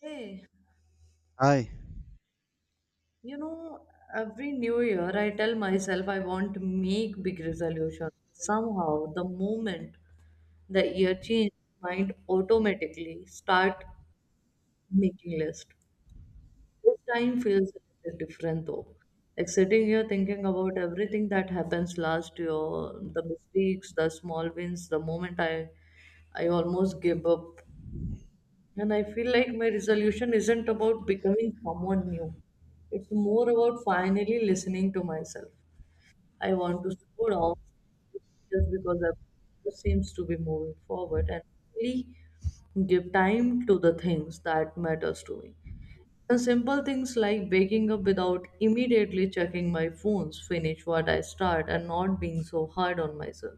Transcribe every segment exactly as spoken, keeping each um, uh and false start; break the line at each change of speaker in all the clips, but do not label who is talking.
Hey,
I,
you know, every new year I tell myself I want to make big resolution. Somehow, the moment the year change, mind automatically start making list. This time feels a little different though. Like sitting here thinking about everything that happens last year, the mistakes, the small wins, the moment I I almost give up. And I feel like my resolution isn't about becoming someone new. It's more about finally listening to myself. I want to slow down just because I seems to be moving forward and really give time to the things that matters to me. And simple things like waking up without immediately checking my phones, finish what I start and not being so hard on myself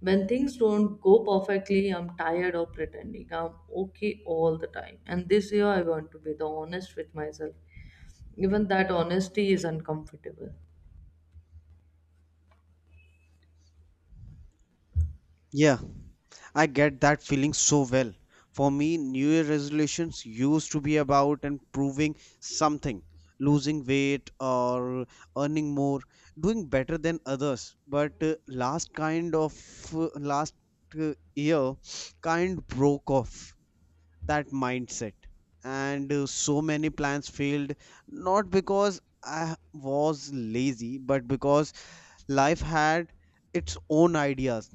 when things don't go perfectly, I'm tired of pretending I'm okay all the time. And this year, I want to be the honest with myself. Even that honesty is uncomfortable.
yeah, I get that feeling so well. For me, New Year resolutions used to be about improving something, losing weight or earning more, doing better than others. But uh, last kind of uh, last uh, year kind broke off that mindset. And uh, so many plans failed, not because I was lazy, but because life had its own ideas.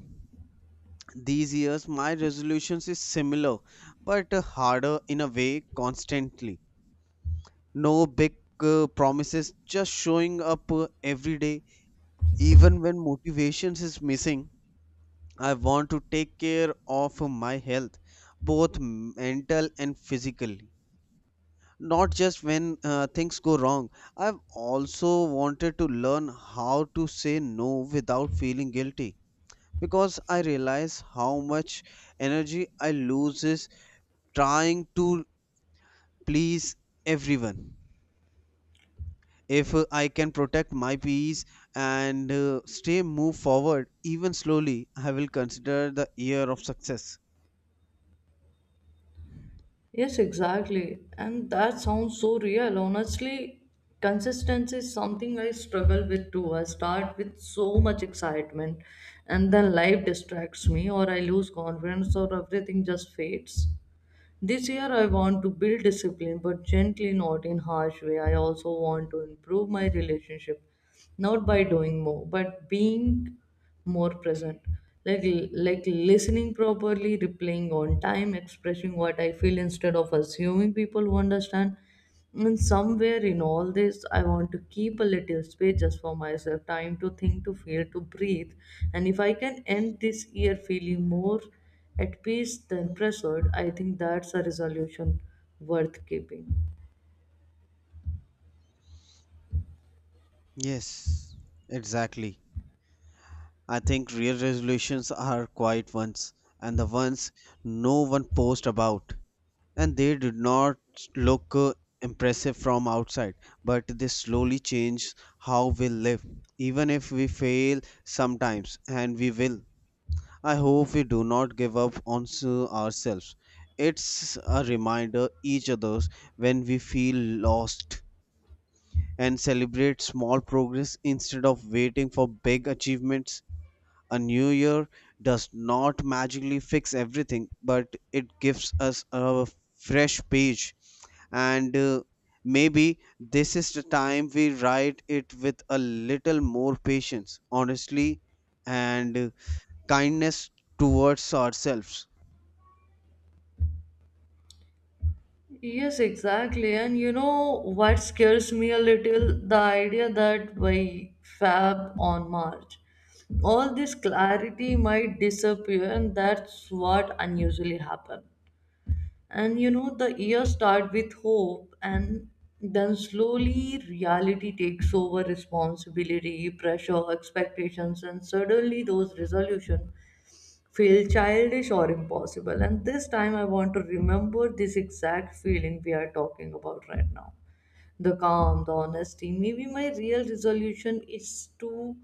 These years, my resolutions is similar, but uh, harder in a way constantly. No big uh, promises, just showing up uh, every day. Even when motivations is missing, I want to take care of my health, both mental and physically. Not just when uh, things go wrong. I've also wanted to learn how to say no without feeling guilty because I realize how much energy I lose trying to please everyone. If uh, I can protect my peace and uh, stay move forward even slowly, I will consider the year of success.
Yes, exactly. And that sounds so real. Honestly, consistency is something I struggle with too. I start with so much excitement, and then life distracts me, or I lose confidence, or everything just fades. This year, I want to build discipline, but gently, not in harsh way. I also want to improve my relationship, not by doing more, but being more present. Like, like listening properly, replying on time, expressing what I feel instead of assuming people who understand. And somewhere in all this, I want to keep a little space just for myself, time to think, to feel, to breathe. And if I can end this year feeling more at peace than pressured, I think that's a resolution worth keeping.
Yes, exactly. I think real resolutions are quiet ones and the ones no one posts about. And they did not look uh, impressive from outside, but they slowly change how we live. Even if we fail sometimes, and we will, I hope we do not give up on s- ourselves. It's a reminder each others when we feel lost and celebrate small progress instead of waiting for big achievements. A new year does not magically fix everything, but it gives us a fresh page and uh, maybe this is the time we write it with a little more patience honestly and uh, kindness towards ourselves.
Yes, exactly. And you know what scares me a little? The idea that by Fab on March, all this clarity might disappear, and that's what unusually happens. And you know, the year start with hope, and then slowly reality takes over responsibility, pressure, expectations, and suddenly those resolutions feel childish or impossible. And this time, I want to remember this exact feeling we are talking about right now, the calm, the honesty. Maybe my real resolution is to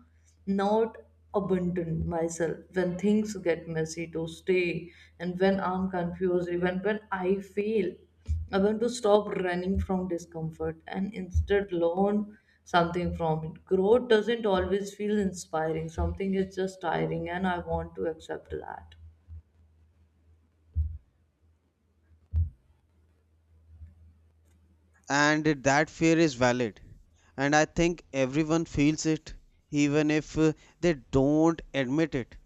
not abandon myself when things get messy, to stay, and when I'm confused, even when I fail. I want to stop running from discomfort and instead learn something from it. Growth doesn't always feel inspiring, something is just tiring, and I want to accept that.
And that fear is valid, and I think everyone feels it, even if uh, they don't admit it.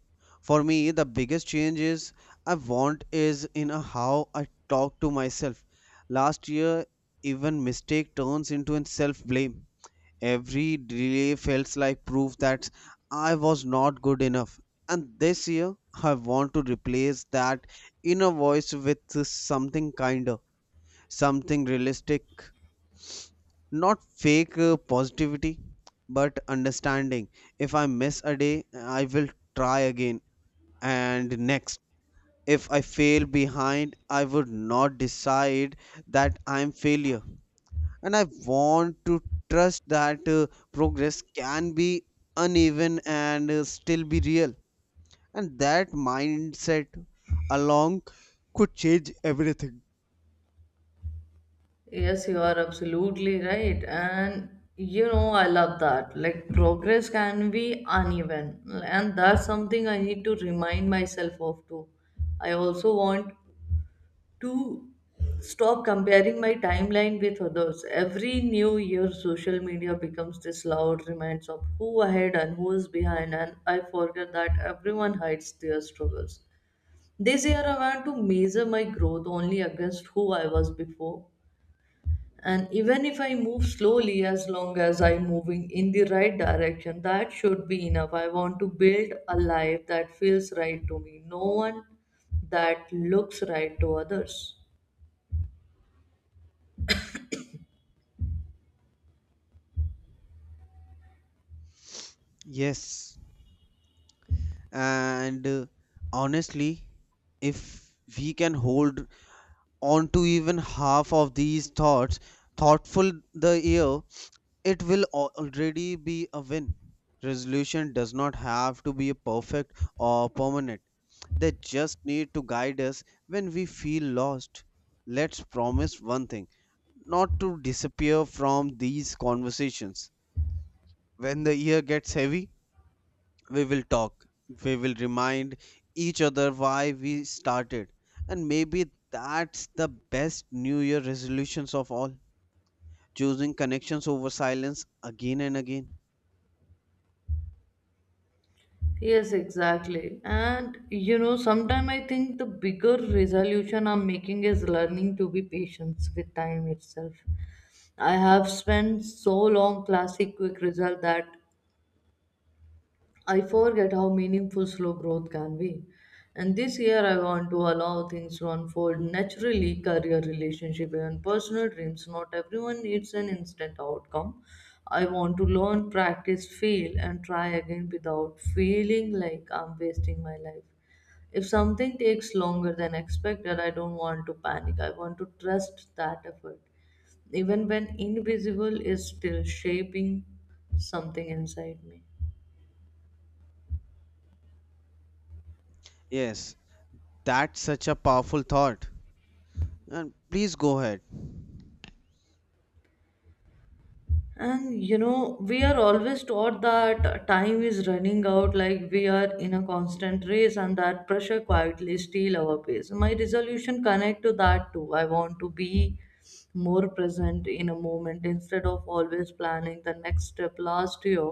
For me, the biggest change is I want is in a how I talk to myself. Last year, even mistake turns into a self blame. Every delay felt like proof that I was not good enough. And this year, I want to replace that inner voice with something kinder, something realistic, not fake uh, positivity, but understanding. If I miss a day, I will try again and next. If I fail behind, I would not decide that I'm failure, and I want to trust that uh, progress can be uneven and uh, still be real. And that mindset along could change everything.
Yes, you are absolutely right. And you know, I love that. Like, progress can be uneven, and that's something I need to remind myself of too. I also want to stop comparing my timeline with others. Every new year, social media becomes this loud reminds of who ahead and who is behind, and I forget that everyone hides their struggles. This year, I want to measure my growth only against who I was before, and even if I move slowly, as long as I'm moving in the right direction, that should be enough. I want to build a life that feels right to me, no one that looks right to others.
Yes. And uh, Honestly, if we can hold on to even half of these thoughts, thoughtful the year, it will al- already be a win. Resolution does not have to be perfect or permanent. They just need to guide us when we feel lost. Let's promise one thing, not to disappear from these conversations. When the year gets heavy, we will talk. We will remind each other why we started. And maybe that's the best New Year resolutions of all, choosing connections over silence again and again.
Yes, exactly. And you know, sometimes I think the bigger resolution I'm making is learning to be patient with time itself. I have spent so long classic quick result that I forget how meaningful slow growth can be. And this year, I want to allow things to unfold naturally, career, relationship, and personal dreams. Not everyone needs an instant outcome. I want to learn, practice, fail, and try again without feeling like I'm wasting my life. If something takes longer than expected, I don't want to panic. I want to trust that effort, even when invisible, is still shaping something inside me.
Yes, that's such a powerful thought. And please go ahead.
And you know, we are always taught that time is running out, like we are in a constant race, and that pressure quietly steal our pace. My resolution connect to that too. I want to be more present in a moment instead of always planning the next step. Last year,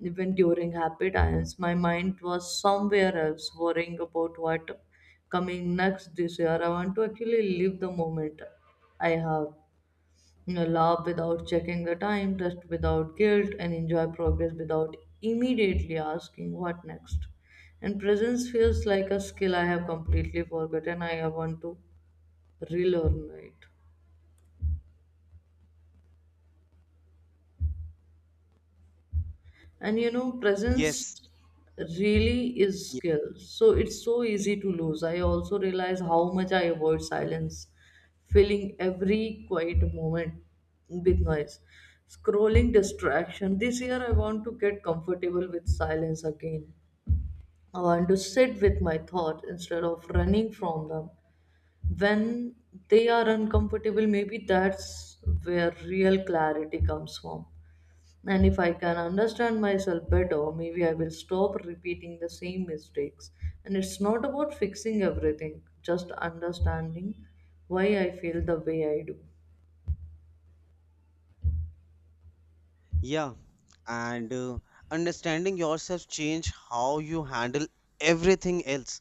even during happy times, my mind was somewhere else, worrying about what coming next this year. I want to actually live the moment I have. You know, laugh without checking the time, rest without guilt, and enjoy progress without immediately asking what next. And presence feels like a skill I have completely forgotten. I want to relearn it. And you know, presence
Yes.
really is skill. So it's so easy to lose. I also realize how much I avoid silence, filling every quiet moment with noise. Scrolling distraction. This year I want to get comfortable with silence again. I want to sit with my thoughts instead of running from them. When they are uncomfortable, maybe that's where real clarity comes from. And if I can understand myself better, maybe I will stop repeating the same mistakes. And it's not about fixing everything, just understanding why I feel the way I do.
Yeah, and uh, understanding yourself change how you handle everything else.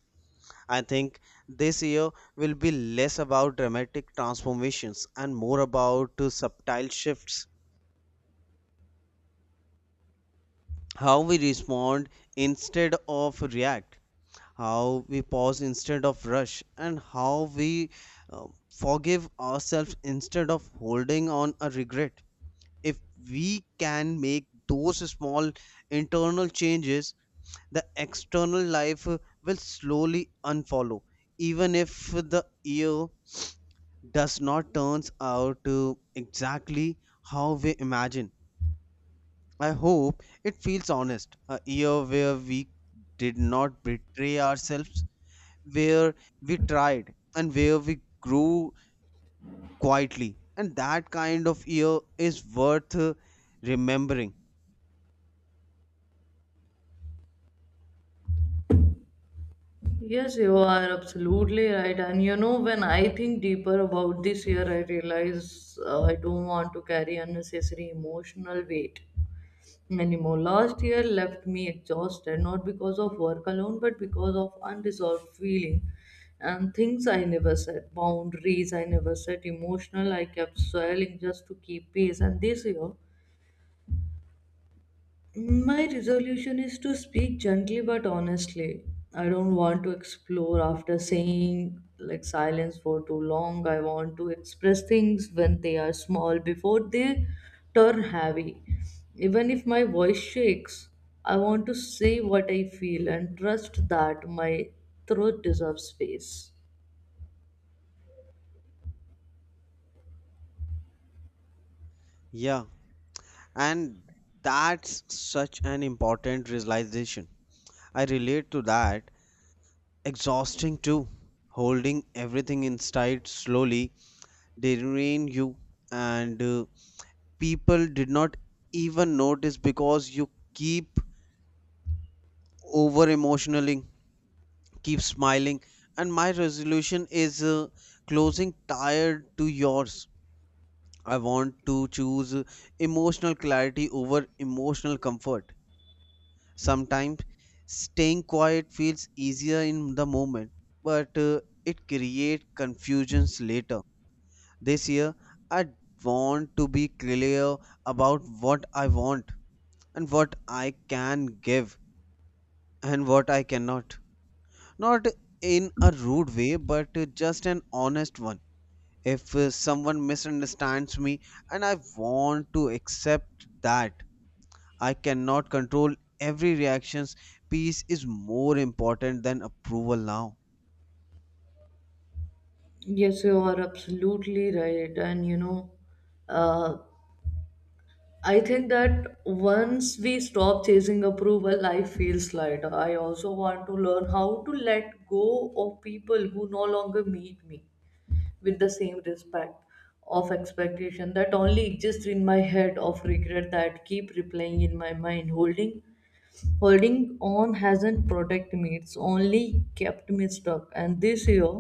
I think this year will be less about dramatic transformations and more about uh, subtle shifts. How we respond instead of react, how we pause instead of rush, and how we uh, forgive ourselves instead of holding on a regret. If we can make those small internal changes, the external life will slowly unfollow, even if the year does not turns out to exactly how we imagine. I hope it feels honest, a year where we did not betray ourselves, where we tried and where we grew quietly, and that kind of year is worth uh, remembering.
Yes, you are absolutely right. And you know, when I think deeper about this year, I realize uh, I don't want to carry unnecessary emotional weight anymore. Last year left me exhausted, not because of work alone, but because of unresolved feeling and things I never set, boundaries I never set, emotional I kept swelling just to keep peace. And this year, my resolution is to speak gently but honestly. I don't want to explore after saying like silence for too long. I want to express things when they are small before they turn heavy. Even if my voice shakes, I want to say what I feel and trust that my throat deserves space.
Yeah, and that's such an important realization. I relate to that. Exhausting too. Holding everything inside slowly they drain you, and uh, people did not even notice because you keep over emotionaling, keep smiling. And my resolution is uh, closing tired to yours. I want to choose uh, emotional clarity over emotional comfort. Sometimes staying quiet feels easier in the moment, but uh, it creates confusions later. This year, I want to be clear about what I want and what I can give and what I cannot. Not in a rude way, but uh, just an honest one. If uh, someone misunderstands me, and I want to accept that, I cannot control every reactions. Peace is more important than approval now.
Yes, you are absolutely right. And you know, uh, I think that once we stop chasing approval, life feels lighter. I also want to learn how to let go of people who no longer meet me with the same respect of expectation that only exists in my head of regret that keep replaying in my mind. Holding holding on hasn't protected me, it's only kept me stuck. And this year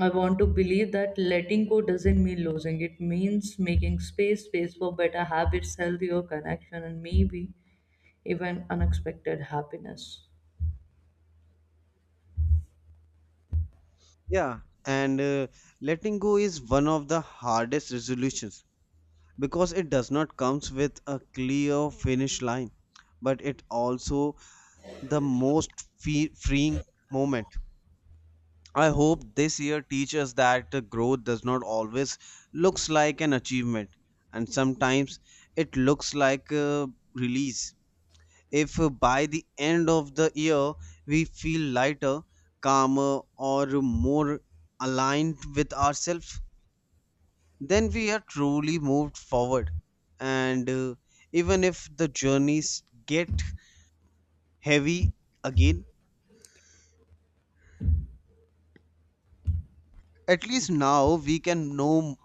I want to believe that letting go doesn't mean losing. It means making space, space for better habits, healthier connection, and maybe even unexpected happiness.
Yeah, and uh, letting go is one of the hardest resolutions because it does not comes with a clear finish line, but it also the most fe- freeing moment. I hope this year teaches that the growth does not always looks like an achievement, and sometimes it looks like a release. If by the end of the year we feel lighter, calmer, or more aligned with ourselves, then we are truly moved forward. And uh, even if the journeys get heavy again, at least now we can know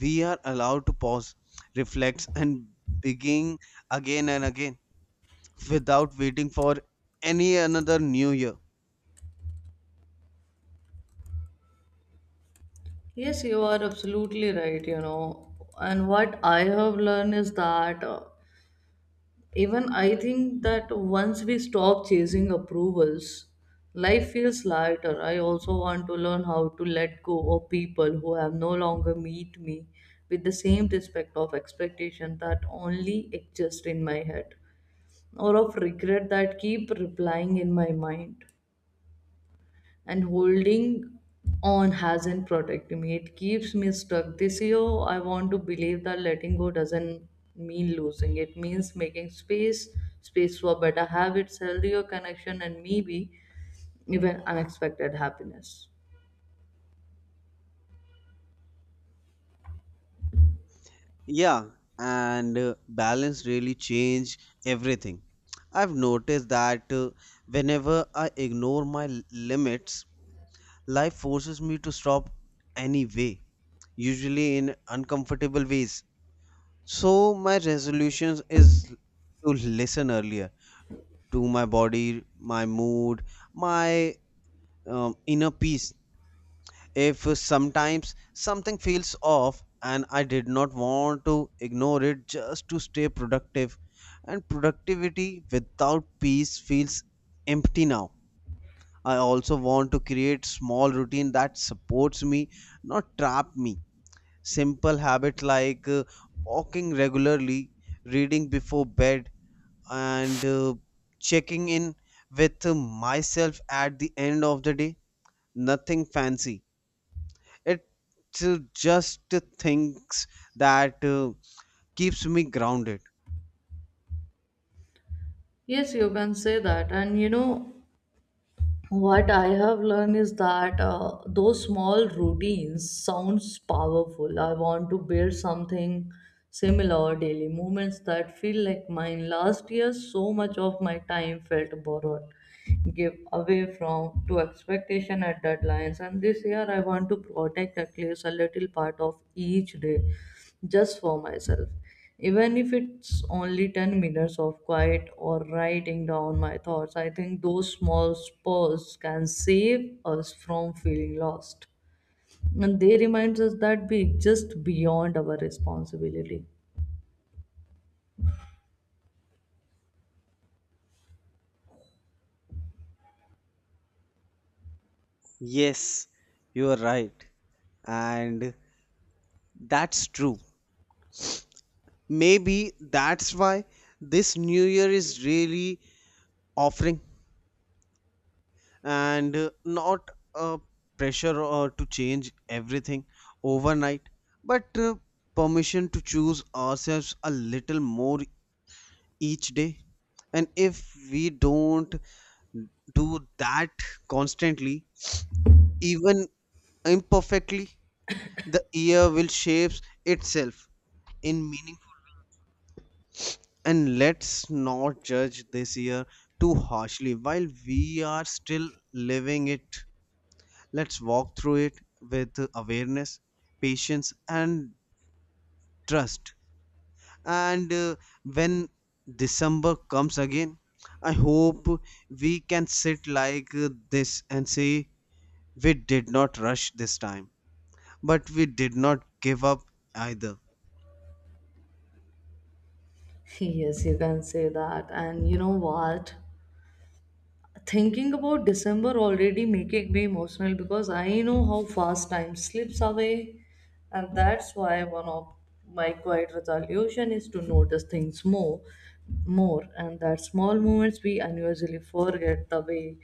we are allowed to pause, reflect, and begin again and again without waiting for any another new year.
Yes, you are absolutely right, you know. And what I have learned is that uh, even I think that once we stop chasing approvals, life feels lighter. I also want to learn how to let go of people who have no longer meet me with the same respect of expectation that only exist in my head or of regret that keep replying in my mind and holding on hasn't protected me. It keeps me stuck. This year, I want to believe that letting go doesn't mean losing. It means making space, space for better habits, healthier connection, and maybe even unexpected happiness.
Yeah, and uh, balance really change everything. I've noticed that uh, whenever I ignore my l- limits, life forces me to stop anyway, usually in uncomfortable ways. So my resolutions is to listen earlier to my body, my mood, my um, inner peace. If sometimes something feels off, and I did not want to ignore it just to stay productive. And productivity without peace feels empty now. I also want to create small routine that supports me, not trap me. Simple habit like uh, walking regularly, reading before bed, and uh, checking in with myself at the end of the day. Nothing fancy, it uh, just thinks that uh, keeps me grounded.
Yes, you can say that. And you know, what I have learned is that uh, those small routines sounds powerful. I want to build something similar, daily movements that feel like mine. Last year so much of my time felt borrowed, give away from to expectation at deadlines, and this year I want to protect at least a little part of each day just for myself. Even if it's only ten minutes of quiet or writing down my thoughts, I think those small spurs can save us from feeling lost. And they remind us that we exist beyond our responsibility.
Yes, you are right, and that's true. Maybe that's why this new year is really offering, and uh, not a pressure or to change everything overnight, but uh, permission to choose ourselves a little more each day. And if we don't do that constantly, even imperfectly, the year will shape itself in meaningful. And let's not judge this year too harshly. While we are still living it, let's walk through it with awareness, patience, and trust. And uh, when December comes again, I hope we can sit like this and say, we did not rush this time. But we did not give up either.
Yes, you can say that. And you know what? Thinking about december already making me emotional because I know how fast time slips away, and that's why one of my quiet resolution is to notice things more more, and that small moments we unusually forget, the way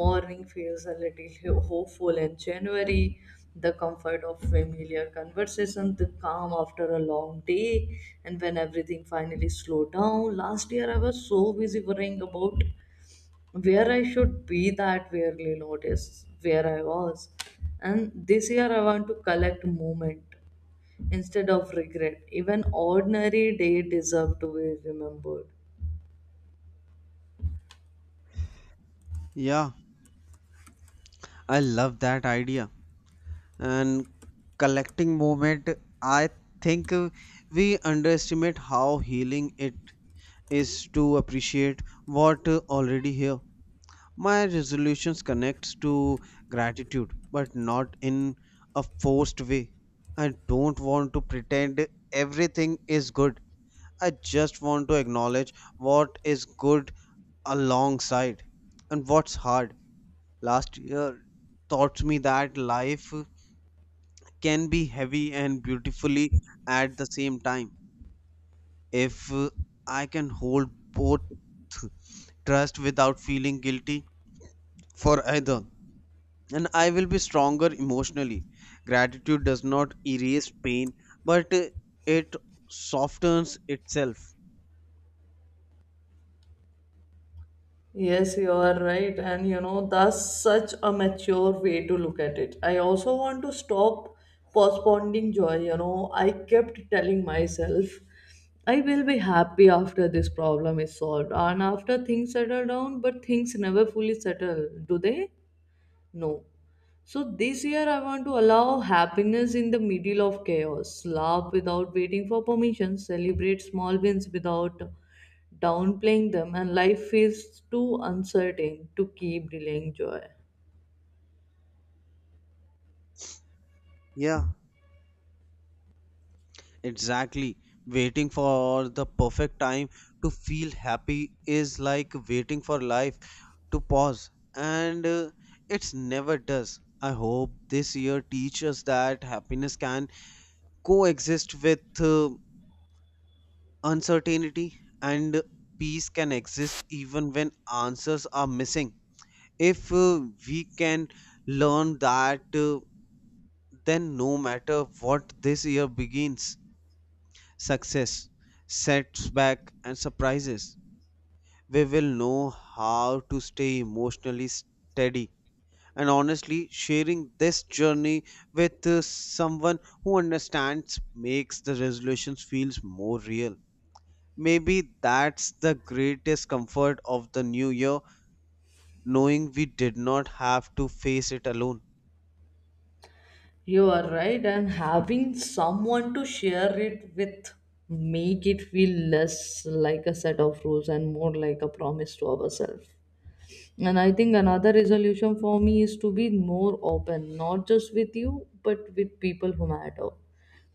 morning feels a little ho- hopeful in january, the comfort of familiar conversation, the calm after a long day, and when everything finally slowed down last year I was so busy worrying about where I should be that rarely noticed where I was. And this year I want to collect moment instead of regret. Even ordinary day deserve to be remembered.
Yeah, I love that idea. And collecting movement, I think uh, we underestimate how healing it is to appreciate what uh, already here. My resolutions connects to gratitude, but not in a forced way. I don't want to pretend everything is good. I just want to acknowledge what is good alongside and what's hard. Last year taught me that life can be heavy and beautifully at the same time. If uh, I can hold both trust without feeling guilty for either, and I will be stronger emotionally. Gratitude does not erase pain, but uh, it softens itself.
Yes, you are right. And you know, that's such a mature way to look at it. I also want to stop postponing joy. You know, I kept telling myself, I will be happy after this problem is solved and after things settle down, but things never fully settle, do they? No. So this year I want to allow happiness in the middle of chaos, laugh without waiting for permission, celebrate small wins without downplaying them, and life feels too uncertain to keep delaying joy.
Yeah. Exactly. Waiting for the perfect time to feel happy is like waiting for life to pause, and uh, it's never does. I hope this year teaches that happiness can coexist with uh, uncertainty and peace can exist even when answers are missing. If uh, we can learn that, uh, then no matter what this year begins, success, setbacks, and surprises. We will know how to stay emotionally steady. And honestly, sharing this journey with uh, someone who understands makes the resolutions feels more real. Maybe that's the greatest comfort of the new year, knowing we did not have to face it alone.
You are right, and having someone to share it with make it feel less like a set of rules and more like a promise to ourselves. And I think another resolution for me is to be more open, not just with you, but with people who matter.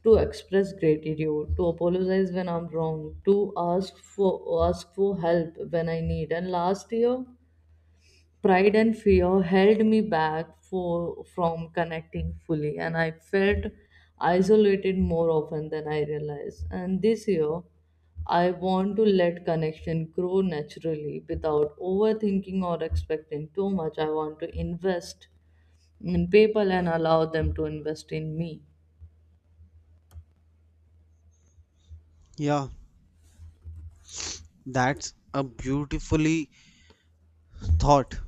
To express gratitude, to apologize when I'm wrong, to ask for ask for help when I need. And last year, pride and fear held me back for, from connecting fully, and I felt isolated more often than I realized. And this year, I want to let connection grow naturally without overthinking or expecting too much. I want to invest in people and allow them to invest in me.
Yeah, that's a beautifully thought.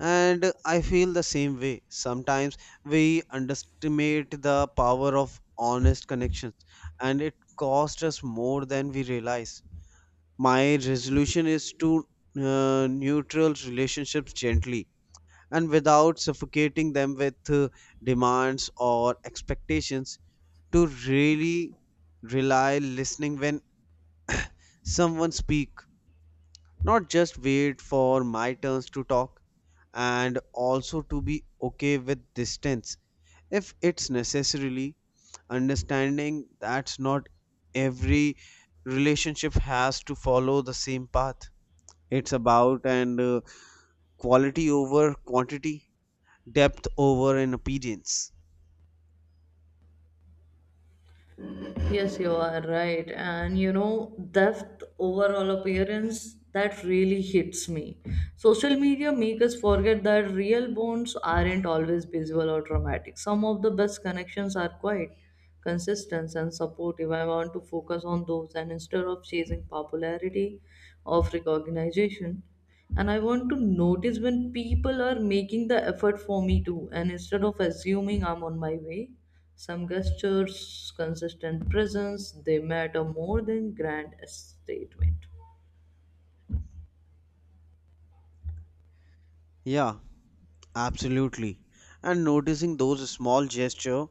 And I feel the same way. Sometimes we underestimate the power of honest connections, and it costs us more than we realize. My resolution is to uh, neutral relationships gently and without suffocating them with uh, demands or expectations, to really rely listening when someone speak, not just wait for my turns to talk, and also to be okay with distance if it's necessarily, understanding that's not every relationship has to follow the same path. It's about and uh, quality over quantity, depth over an appearance.
Yes, you are right. And you know, depth overall appearance that really hits me. Social media make us forget that real bonds aren't always visual or dramatic. Some of the best connections are quiet, consistent, and supportive. I want to focus on those, and instead of chasing popularity of recognition, and I want to notice when people are making the effort for me too, and instead of assuming I'm on my way. Some gestures, consistent presence, they matter more than grand statement.
Yeah, absolutely. And noticing those small gesture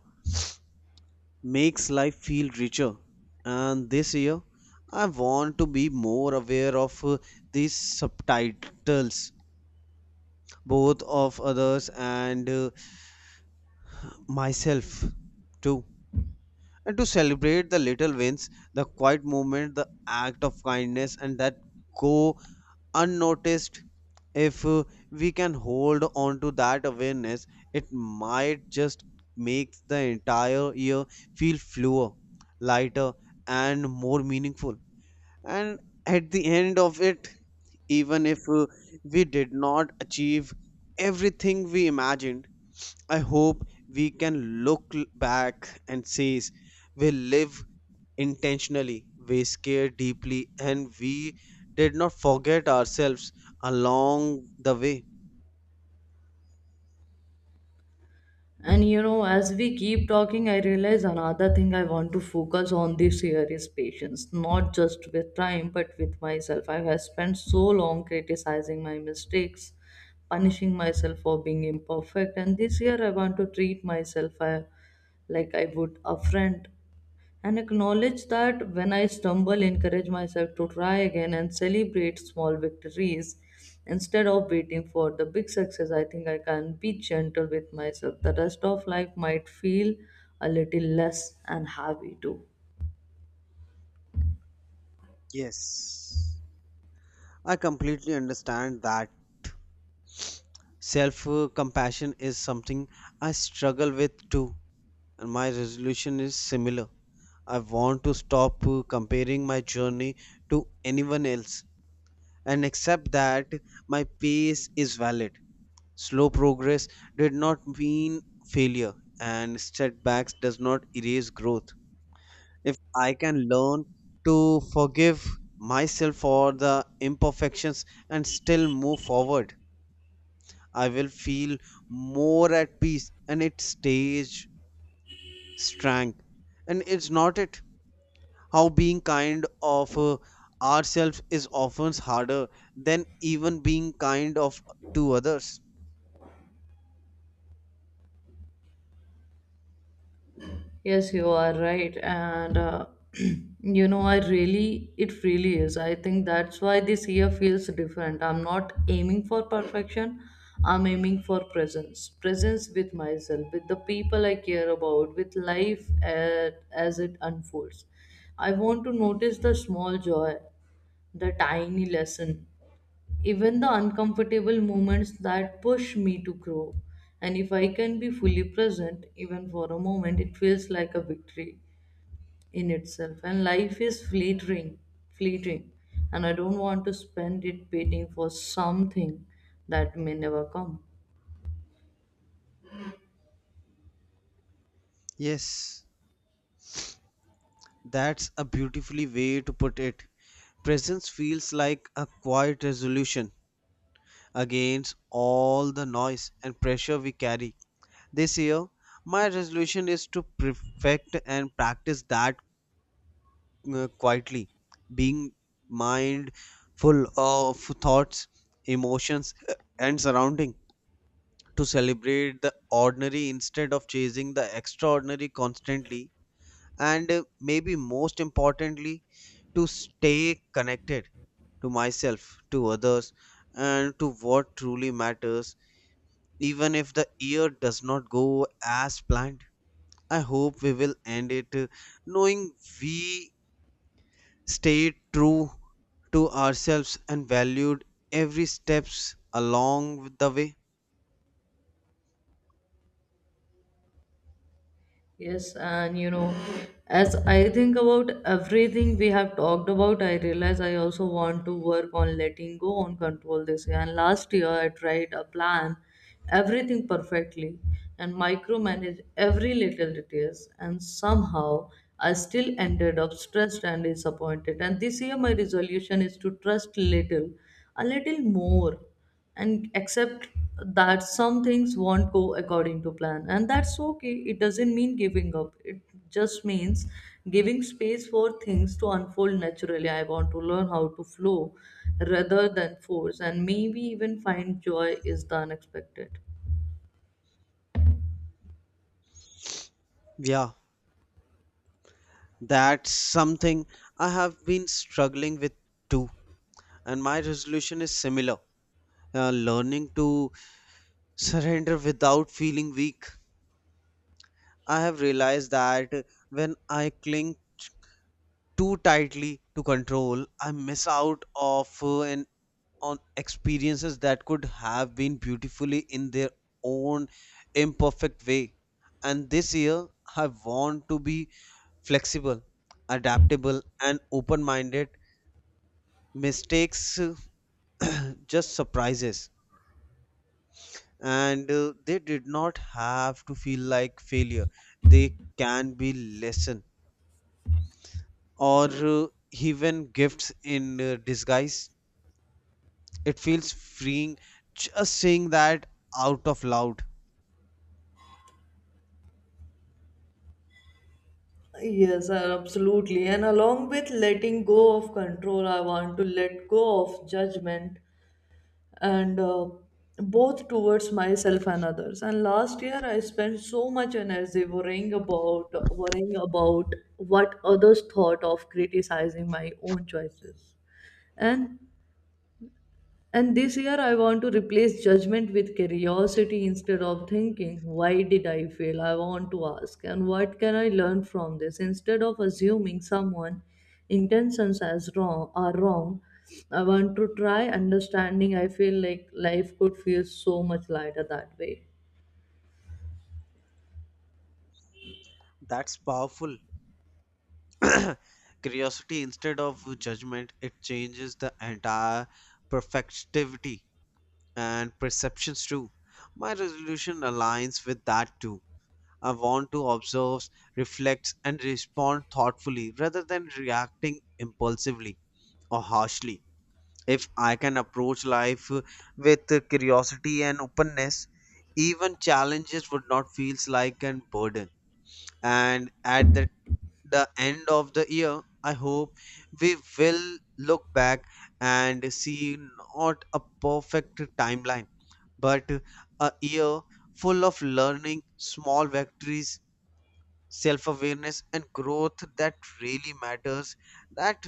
makes life feel richer, and this year I want to be more aware of uh, these subtitles, both of others and uh, myself too. And to celebrate the little wins, the quiet movement, the act of kindness, and that go unnoticed. If uh, we can hold on to that awareness, it might just make the entire year feel fluer, lighter, and more meaningful. And at the end of it, even if uh, we did not achieve everything we imagined, I hope we can look l- back and say we live intentionally, we scared deeply, and we did not forget ourselves along the way.
And you know, as we keep talking, I realize another thing I want to focus on this year is patience, not just with time, but with myself. I have spent so long criticizing my mistakes, punishing myself for being imperfect, and this year I want to treat myself uh, like I would a friend and acknowledge that when I stumble, encourage myself to try again and celebrate small victories instead of waiting for the big success. I think I can be gentle with myself. The rest of life might feel a little less and heavy too.
Yes. I completely understand that self compassion is something I struggle with too, and my resolution is similar. I want to stop uh, comparing my journey to anyone else and accept that my pace is valid. Slow progress did not mean failure, and setbacks does not erase growth. If I can learn to forgive myself for the imperfections and still move forward, I will feel more at peace and it stays strength. And it's not it how being kind of uh, ourselves is often harder than even being kind of to others.
Yes, you are right. And, uh, you know, I really, it really is. I think that's why this year feels different. I'm not aiming for perfection, I'm aiming for presence. Presence with myself, with the people I care about, with life uh, as it unfolds. I want to notice the small joy, the tiny lesson, even the uncomfortable moments that push me to grow. And if I can be fully present, even for a moment, it feels like a victory in itself. And life is fleeting, fleeting. And I don't want to spend it waiting for something that may never come.
Yes. That's a beautifully way to put it. Presence feels like a quiet resolution against all the noise and pressure we carry. This year, my resolution is to perfect and practice that uh, quietly, being mind full of thoughts, emotions, uh, and surrounding. To celebrate the ordinary instead of chasing the extraordinary constantly, and uh, maybe most importantly, to stay connected to myself, to others, and to what truly matters, even if the year does not go as planned. I hope we will end it uh, knowing we stayed true to ourselves and valued every steps along the way.
Yes, and you know, as I think about everything we have talked about, I realize I also want to work on letting go on control this year. And last year, I tried a plan everything perfectly and micromanage every little details, and somehow I still ended up stressed and disappointed. And this year, my resolution is to trust little, a little more and accept that some things won't go according to plan, and that's okay. It doesn't mean giving up, it just means giving space for things to unfold naturally. I want to learn how to flow rather than force, and maybe even find joy is the unexpected.
Yeah, that's something I have been struggling with too, and my resolution is similar. Uh, learning to surrender without feeling weak. I have realized that when I cling too tightly to control, I miss out of uh, and on experiences that could have been beautifully in their own imperfect way. And this year, I want to be flexible, adaptable, and open-minded. Mistakes uh, just surprises, and uh, they did not have to feel like failure. They can be lesson or uh, even gifts in uh, disguise. It feels freeing just saying that out of loud.
Yes, sir, absolutely. And along with letting go of control, I want to let go of judgment and uh, both towards myself and others. And last year I spent so much energy worrying about worrying about what others thought of, criticizing my own choices, and and this year, I want to replace judgment with curiosity. Instead of thinking, why did I fail? I want to ask, and what can I learn from this? Instead of assuming someone intentions as wrong are wrong, I want to try understanding. I feel like life could feel so much lighter that way.
That's powerful. Curiosity instead of judgment, it changes the entire perfectivity and perceptions too. My resolution aligns with that too. I want to observe, reflect, and respond thoughtfully rather than reacting impulsively or harshly. If I can approach life with curiosity and openness, even challenges would not feel like a burden. And at the, the end of the year, I hope we will look back and see not a perfect timeline, but a year full of learning, small victories, self awareness, and growth that really matters. That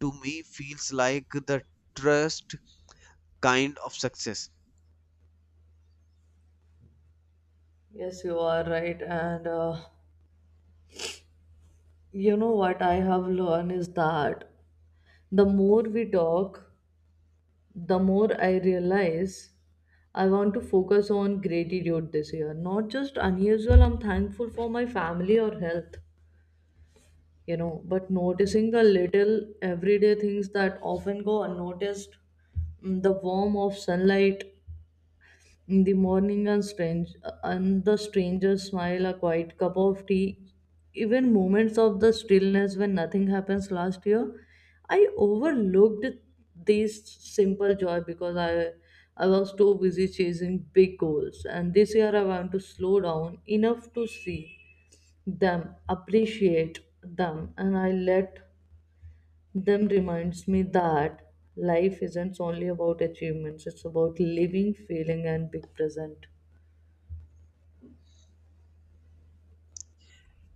to me feels like the trust kind of success.
Yes, you are right. And uh, you know what I have learned is that the more we talk, the more I realize I want to focus on gratitude this year. Not just unusual, I'm thankful for my family or health, you know, but noticing the little everyday things that often go unnoticed, mm, the warmth of sunlight in the morning and strange and the stranger's smile, a quiet cup of tea, even moments of the stillness when nothing happens. Last year, I overlooked this simple joy because I I was too busy chasing big goals. And this year I want to slow down enough to see them, appreciate them, and I let them reminds me that life isn't only about achievements, it's about living, feeling and being present.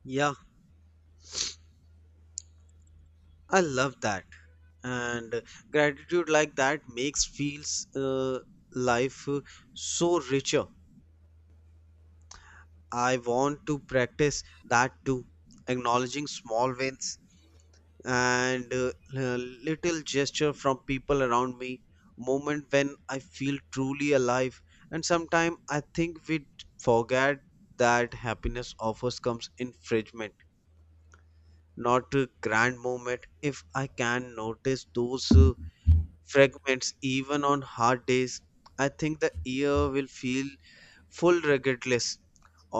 Yeah, I love that. And gratitude like that makes feels uh, life uh, so richer. I want to practice that too, acknowledging small wins and uh, uh, little gesture from people around me, moment when I feel truly alive. And sometimes I think we forget that happiness offers comes in fragment. Not a grand moment. If I can notice those uh, fragments even on hard days, I think the year will feel full regardless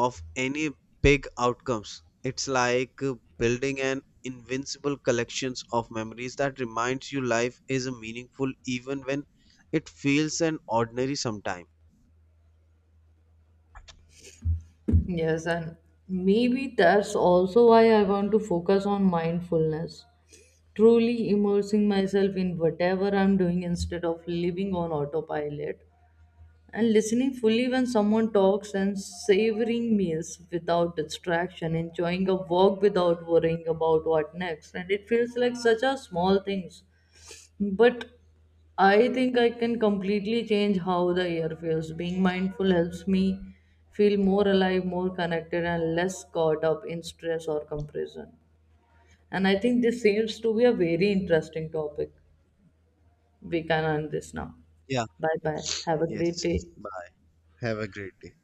of any big outcomes. It's like uh, building an invincible collections of memories that reminds you life is meaningful even when it feels an ordinary sometime.
Yes, and maybe that's also why I want to focus on mindfulness. Truly immersing myself in whatever I'm doing instead of living on autopilot, and listening fully when someone talks, and savoring meals without distraction, enjoying a walk without worrying about what next. And it feels like such a small things, but I think I can completely change how the year feels. Being mindful helps me feel more alive, more connected, and less caught up in stress or comparison. And I think this seems to be a very interesting topic. We can end this now.
Yeah.
Bye bye. Have a great
Yes,
day.
bye. Have a great day.